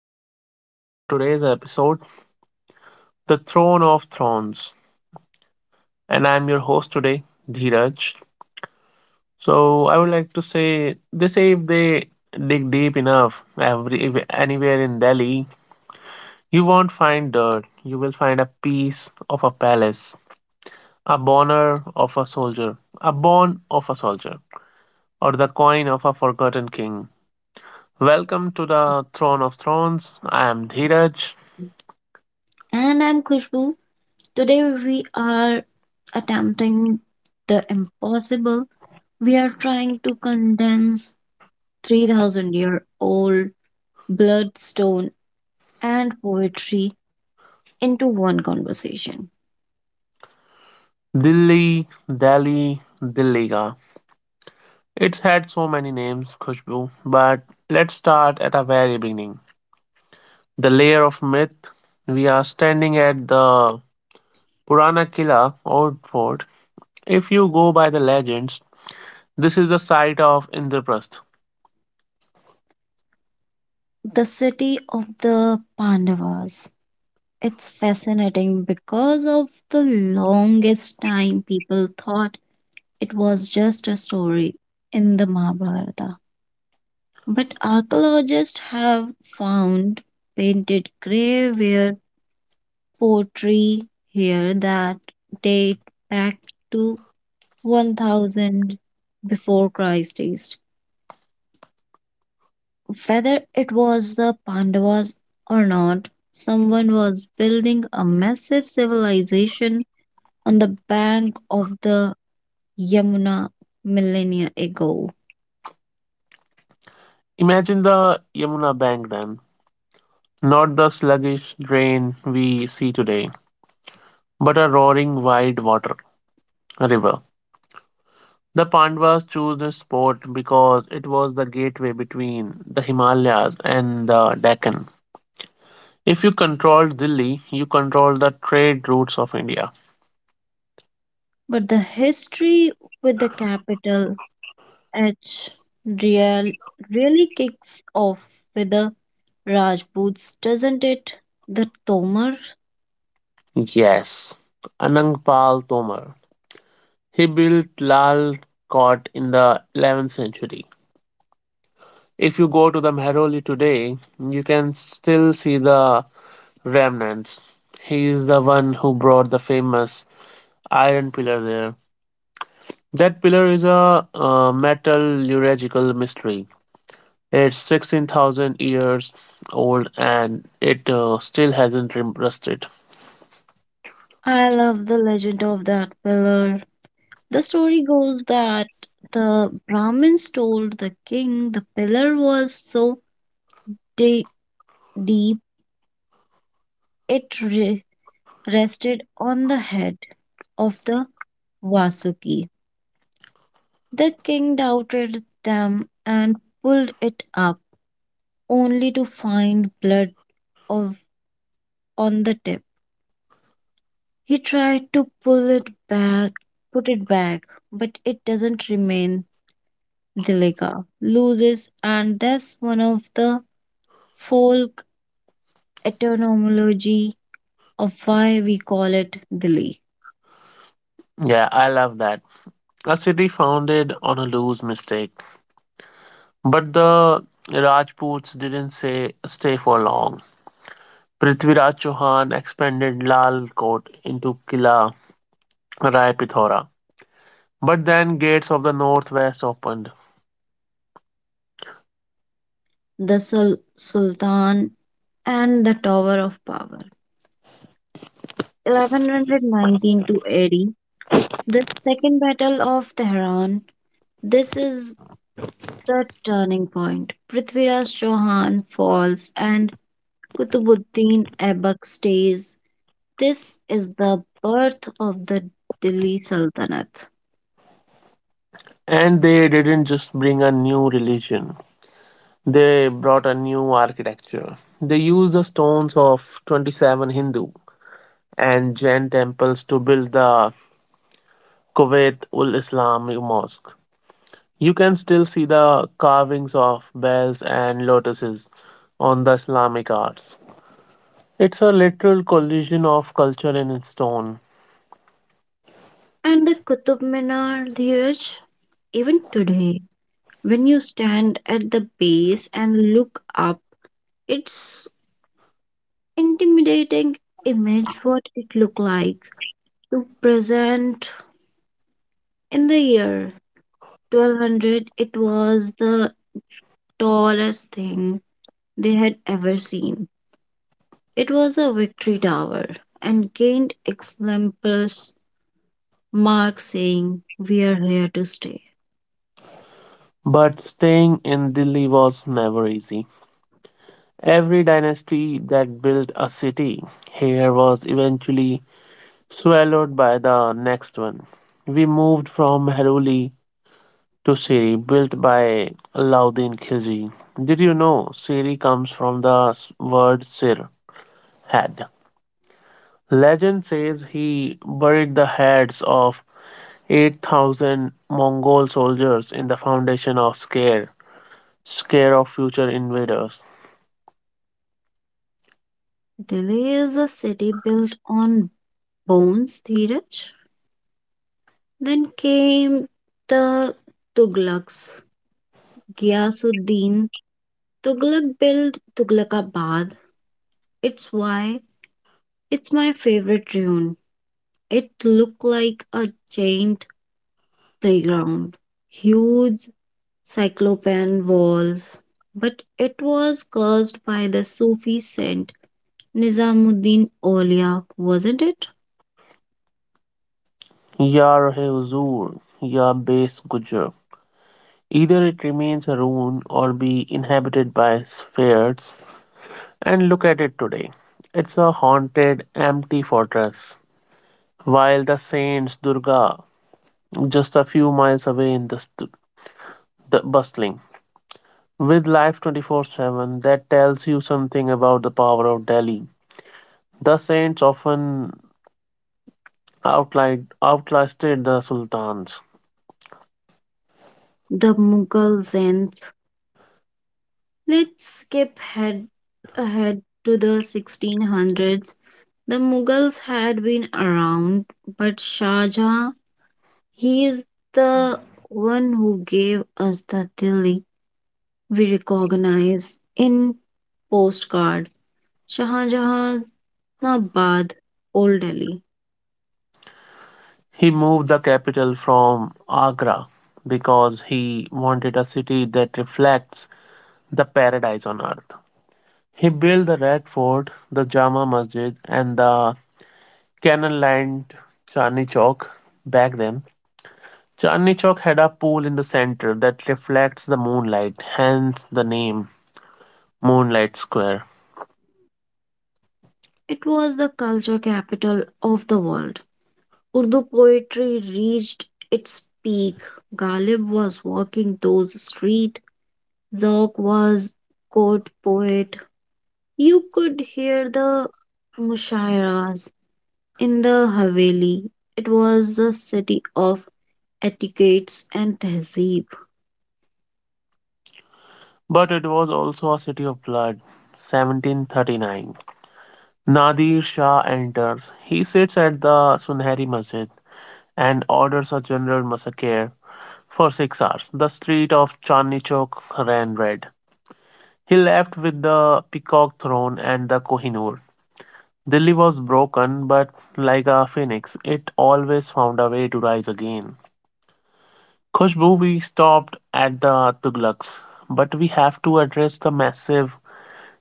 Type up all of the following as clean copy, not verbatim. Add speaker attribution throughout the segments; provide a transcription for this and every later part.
Speaker 1: everyone in our today's episode, The Throne of Thrones. And I'm your host today, Dheeraj. So I would like to say they say if they dig deep enough, every if- anywhere in Delhi, you won't find dirt. You will find a piece of a palace, a bone of a soldier, or the coin of a forgotten king. Welcome to the Throne of Thrones. I am Dheeraj.
Speaker 2: And I'm Khushbu. Today we are attempting the impossible. We are trying to condense 3000-year-old bloodstone and poetry into one conversation.
Speaker 1: Dilli, Delhi, Dilliga. It's had so many names, Khushbu, but let's start at a very beginning. The layer of myth. We are standing at the Purana Kila, old fort. If you go by the legends, this is the site of Indraprastha.
Speaker 2: The city of the Pandavas. It's fascinating because of the longest time people thought it was just a story in the Mahabharata. But archaeologists have found painted graveyard pottery here that date back to 1000 before Christ. Whether it was the Pandavas or not, someone was building a massive civilization on the bank of the Yamuna millennia ago.
Speaker 1: Imagine the Yamuna bank then, not the sluggish drain we see today, but a roaring wide water river. The Pandavas chose this spot because it was the gateway between the Himalayas and the Deccan. If you control Delhi, you control the trade routes of India.
Speaker 2: But the history with the capital H real really kicks off with the Rajputs, doesn't it? The Tomar.
Speaker 1: Yes, Anang Pal Tomar. He built Lal Kot in the 11th century. If you go to the Mehroli today, you can still see the remnants. He is the one who brought the famous iron pillar there. That pillar is a metallurgical mystery. It's 16,000 years old and it still hasn't rusted.
Speaker 2: I love the legend of that pillar. The story goes that the Brahmins told the king the pillar was so de- deep it rested on the head of the Vasuki. The king doubted them and pulled it up, only to find blood of on the tip. He tried to pull it back, put it back, but it doesn't remain. Dilika loses, and that's one of the folk etymology of why we call it Dili,
Speaker 1: Yeah, I love that. A city founded on a loose mistake. But the Rajputs didn't say stay for long. Prithviraj Chauhan expanded Lal Kot into Kila Rai Pithora. But then gates of the northwest opened.
Speaker 2: the Sultan and the Tower of Power. 1119 to 80, the Second Battle of Tehran. This is the turning point. Prithviraj Chauhan falls and Qutbuddin Aibak stays. This is the birth of the Delhi Sultanate
Speaker 1: And they didn't just bring a new religion. They brought a new architecture. They used the stones of 27 Hindu and Jain temples to build the Kuwait ul Islam Mosque. You can still see the carvings of bells and lotuses on the Islamic arts. It's a literal collision of culture and stone.
Speaker 2: and the Qutub Minar, Dheeraj. Even today, when you stand at the base and look up, it's intimidating image what it looked like to present in the year 1200, it was the tallest thing they had ever seen. It was a victory tower and gained exemplars mark saying we are here to stay.
Speaker 1: But staying in Delhi was never easy. Every dynasty that built a city here was eventually swallowed by the next one. We moved from Heruli to Siri, built by Alauddin Khilji. Did you know Siri comes from the word Sir, head? Legend says he buried the heads of 8,000 Mongol soldiers in the foundation of Scare, Scare of future invaders.
Speaker 2: Delhi is a city built on bones, Dheeraj. Then came the Tughlaqs. Ghiyasuddin Tughlaq built Tughlaqabad. It's why it's my favorite ruin. It looked like a giant playground. Huge cyclopean walls. But it was caused by the Sufi saint Nizamuddin Aulia, wasn't it?
Speaker 1: Yar hai huzur, ya base gujar. Either it remains a ruin or be inhabited by spirits, and look at it today. It's a haunted, empty fortress. While the saint's Durga, just a few miles away in the, the bustling With Life 24/7, that tells you something about the power of Delhi. The saints often outlasted the sultans.
Speaker 2: The Mughal Zen. Let's skip head ahead to the 1600s. The Mughals had been around, but Shah Jahan, he is the one who gave us the Delhi we recognize in postcard. Shah Jahan's Nabad, Old Delhi.
Speaker 1: He moved the capital from Agra because he wanted a city that reflects the paradise on earth. He built the Red Fort, the Jama Masjid, and the canal lined Chandni Chowk back then. Chandni Chowk had a pool in the center that reflects the moonlight, hence the name. Moonlight Square.
Speaker 2: It was the culture capital of the world. Urdu poetry reached its peak. Ghalib was walking those streets. Zog was court poet. You could hear the mushairas in the Haveli. It was a city of etiquettes and tehzeeb.
Speaker 1: But it was also a city of blood. 1739. Nadir Shah enters. He sits at the Sunheri Masjid and orders a general massacre for 6 hours. The street of Chandni Chowk ran red. He left with the peacock throne and the Kohinoor. Delhi was broken, but like a phoenix, it always found a way to rise again. Khushbu, we stopped at the Tughlaqs, but we have to address the massive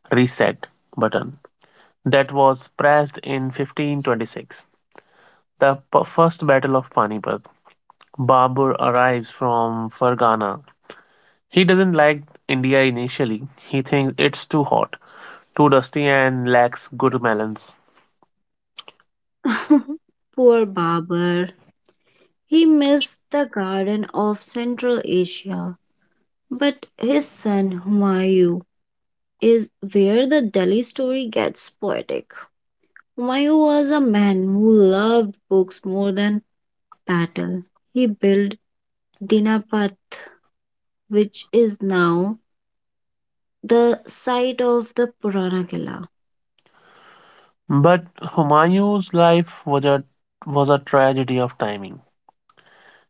Speaker 1: reset button that was pressed in 1526. The first battle of Panipat. Babur arrives from Fergana. He doesn't like India initially. He thinks it's too hot, too dusty, and lacks good melons.
Speaker 2: Poor Babar. He missed the garden of Central Asia. But his son Humayun is where the Delhi story gets poetic. Humayun was a man who loved books more than battle. He built Dinapati, which is now the site of the Purana Killa.
Speaker 1: But Humayun's life was a tragedy of timing.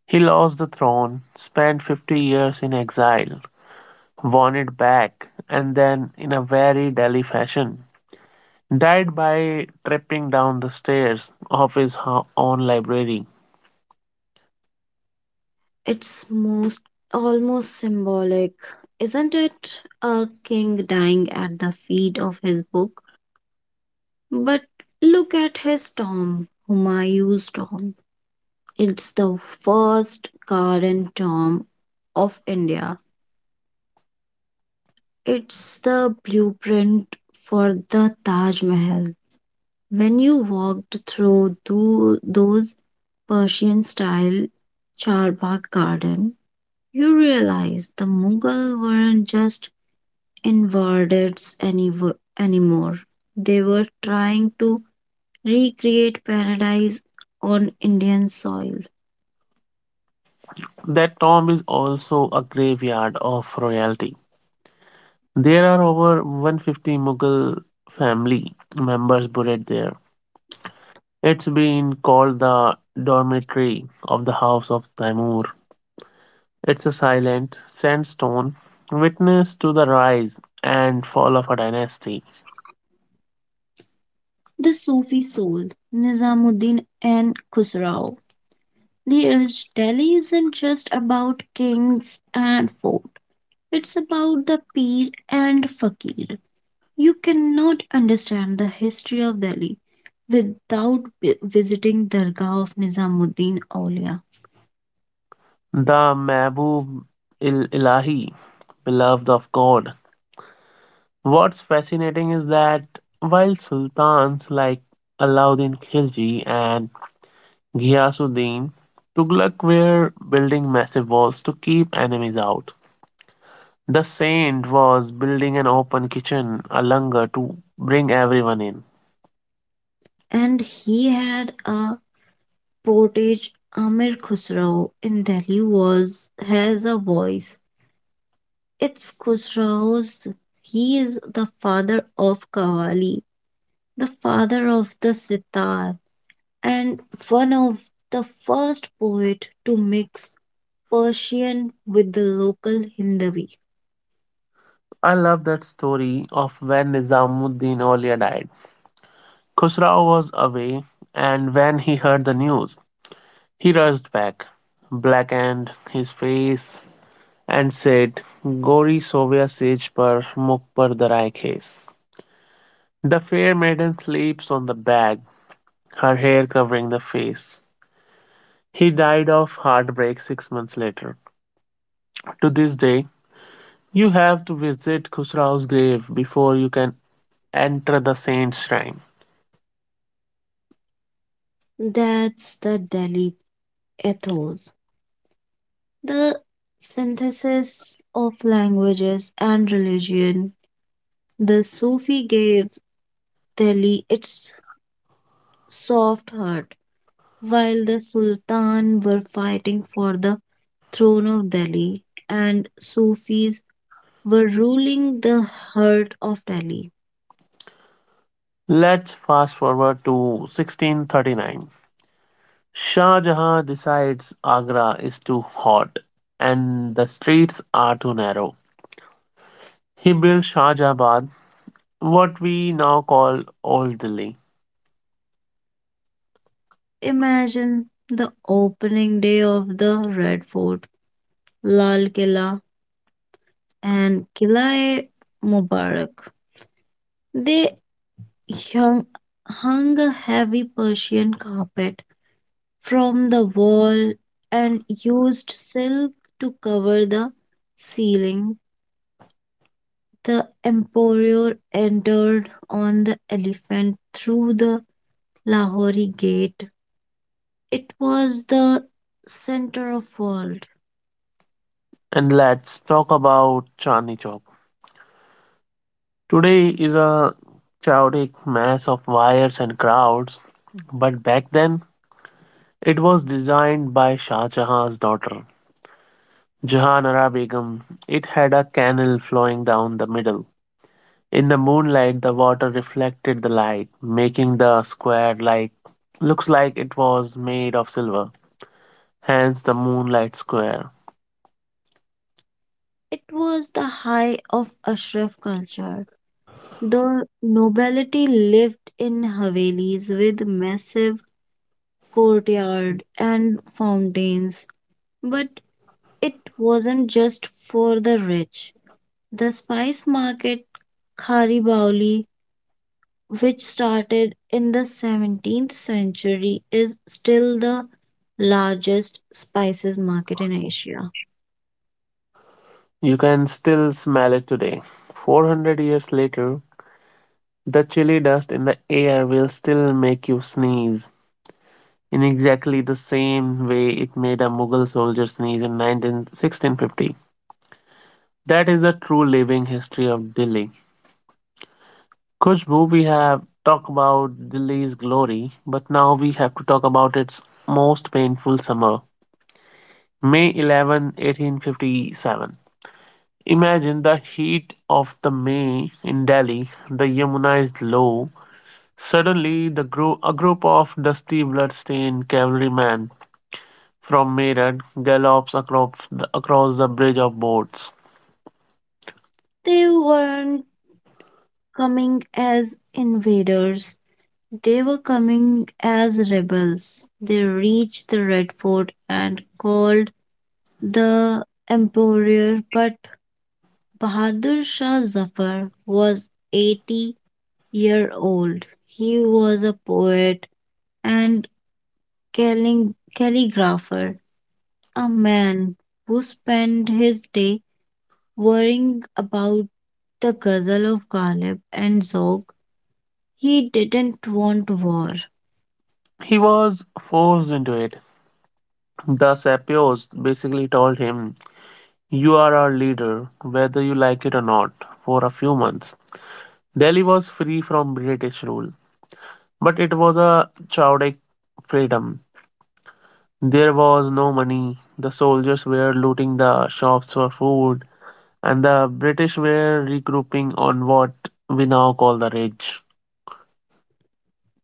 Speaker 1: He lost the throne, spent 50 years in exile, won it back, and then, in a very Delhi fashion, died by tripping down the stairs of his own library.
Speaker 2: It's most almost symbolic, isn't it? A king dying at the feet of his book. But look at his tomb, Humayun's tomb. It's the first garden tomb of India. It's the blueprint for the Taj Mahal. When you walked through those Persian style Charbagh garden, you realized the Mughal weren't just invaders anymore. They were trying to recreate paradise on Indian soil.
Speaker 1: That tomb is also a graveyard of royalty. There are over 150 Mughal family members buried there. It's been called the dormitory of the House of Taimur. It's a silent sandstone witness to the rise and fall of a dynasty.
Speaker 2: The Sufi soul, Nizamuddin and Khusrau. The urged Delhi isn't just about kings and fort. It's about the peer and fakir. You cannot understand the history of Delhi without visiting Dargah of Nizamuddin Aulia.
Speaker 1: The Mahbub il Ilahi, beloved of God. What's fascinating is that while sultans like Alauddin Khilji and Ghiyasuddin Tughlaq were building massive walls to keep enemies out, the saint was building an open kitchen, a langar, to bring everyone in.
Speaker 2: And he had a portage Amir Khusrau in Delhi was has a voice. It's Khusrau's. He is the father of Qawwali, the father of the sitar, and one of the first poet to mix Persian with the local Hindavi.
Speaker 1: I love that story of when Nizamuddin Aulia died. Khusrau was away, and when he heard the news, he rushed back, blackened his face, and said, "Gori sovya sej par muk par darai khes." The fair maiden sleeps on the bag, her hair covering the face. He died of heartbreak 6 months later. To this day, you have to visit Khusrao's grave before you can enter the saint's shrine.
Speaker 2: That's the Delhi ethos, the synthesis of languages and religion. The Sufi gave Delhi its soft heart, while the Sultan were fighting for the throne of Delhi, and Sufis were ruling the heart of Delhi.
Speaker 1: Let's fast forward to 1639. Shah Jahan decides Agra is too hot and the streets are too narrow. He built Shahjahabad, what we now call Old Delhi.
Speaker 2: Imagine the opening day of the Red Fort, Lal Killa, and Killa Mubarak. They hung, hung a heavy Persian carpet from the wall and used silk to cover the ceiling. The emperor entered on the elephant through the Lahori gate. It was the center of world.
Speaker 1: And let's talk about Chandni Chowk. Today is a chaotic mass of wires and crowds, but back then it was designed by Shah Jahan's daughter, Jahanara Begum. It had a canal flowing down the middle. In the moonlight, the water reflected the light, making the square like looks like it was made of silver. Hence the moonlight square.
Speaker 2: It was the high of Ashraf culture. The nobility lived in Havelis with massive courtyard and fountains. But it wasn't just for the rich. The spice market Khari Bauli, which started in the 17th century, is still the largest spices market in Asia.
Speaker 1: You can still smell it today. 400 years later, the chilly dust in the air will still make you sneeze in exactly the same way it made a Mughal soldier sneeze in 1650. That is the true living history of Delhi. Khushbu, we have talked about Delhi's glory, but now we have to talk about its most painful summer, May 11, 1857. Imagine the heat of the May in Delhi. The Yamuna is low. Suddenly, a group of dusty, blood-stained cavalrymen from Meerut gallops across across the bridge of boats.
Speaker 2: They weren't coming as invaders, they were coming as rebels. They reached the Red Fort and called the emperor, but Bahadur Shah Zafar was 80-year-old. He was a poet and calling, calligrapher, a man who spent his day worrying about the ghazal of Ghalib and Zog. He didn't want war.
Speaker 1: He was forced into it. The Sapios basically told him, "You are our leader, whether you like it or not." For a few months, Delhi was free from British rule, but it was a chaotic freedom. There was no money, the soldiers were looting the shops for food, and the British were regrouping on what we now call the Ridge.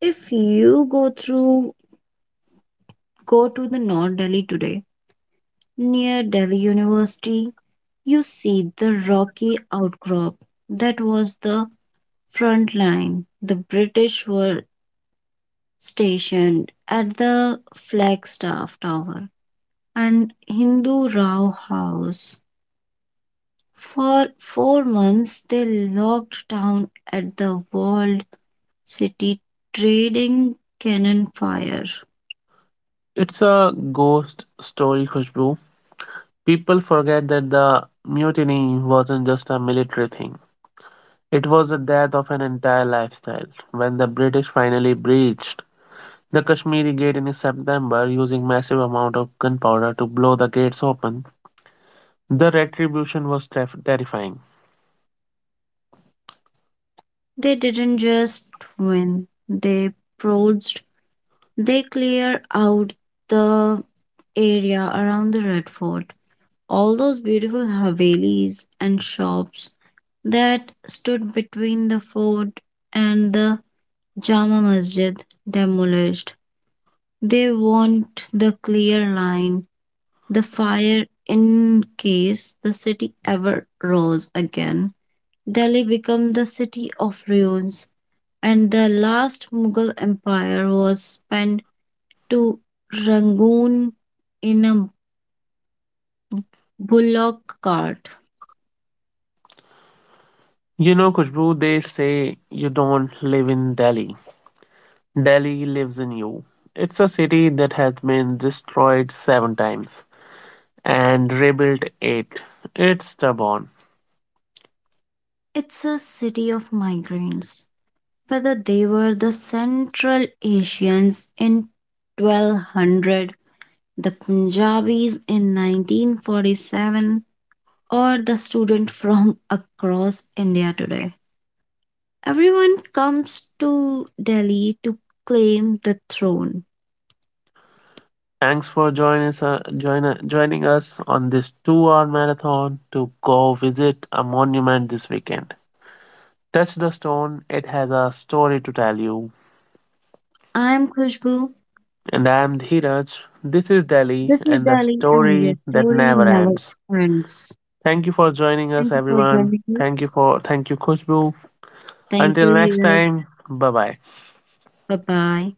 Speaker 2: If you go through go to the North Delhi today, near Delhi University, you see the rocky outcrop that was the front line. The British were stationed at the Flagstaff Tower and Hindu Rao House. For 4 months, they locked down at the walled city trading cannon fire.
Speaker 1: It's a ghost story, Khushbu. People forget that the mutiny wasn't just a military thing. It was the death of an entire lifestyle. When the British finally breached the Kashmiri Gate in September using massive amount of gunpowder to blow the gates open, the retribution was terrifying.
Speaker 2: They didn't just win, they purged, they cleared out the area around the Red Fort. All those beautiful havelis and shops that stood between the fort and the Jama Masjid demolished. They want the clear line, the fire in case the city ever rose again. Delhi became the city of ruins, and the last Mughal empire was spent to Rangoon in a bullock cart.
Speaker 1: You know, Kushboo, they say you don't live in Delhi. Delhi lives in you. It's a city that has been destroyed seven times and rebuilt eight. It's stubborn.
Speaker 2: It's a city of migrants. Whether they were the Central Asians in 1200, the Punjabis in 1947, or the student from across India today. Everyone comes to Delhi to claim the throne.
Speaker 1: Thanks for joining us, joining us on this 2 hour marathon to go visit a monument this weekend. Touch the stone, it has a story to tell you.
Speaker 2: I'm Khushbu.
Speaker 1: And I am Dhiraj. This is Delhi
Speaker 2: This is
Speaker 1: and the
Speaker 2: Delhi, and your
Speaker 1: story that
Speaker 2: story
Speaker 1: never
Speaker 2: never
Speaker 1: ends.
Speaker 2: ends.
Speaker 1: Thank you for joining us,
Speaker 2: Thank you for
Speaker 1: everyone.
Speaker 2: joining us.
Speaker 1: Thank you, Khushbu.
Speaker 2: Thank you,
Speaker 1: Until next
Speaker 2: Dheeraj.
Speaker 1: time, bye bye.
Speaker 2: Bye bye.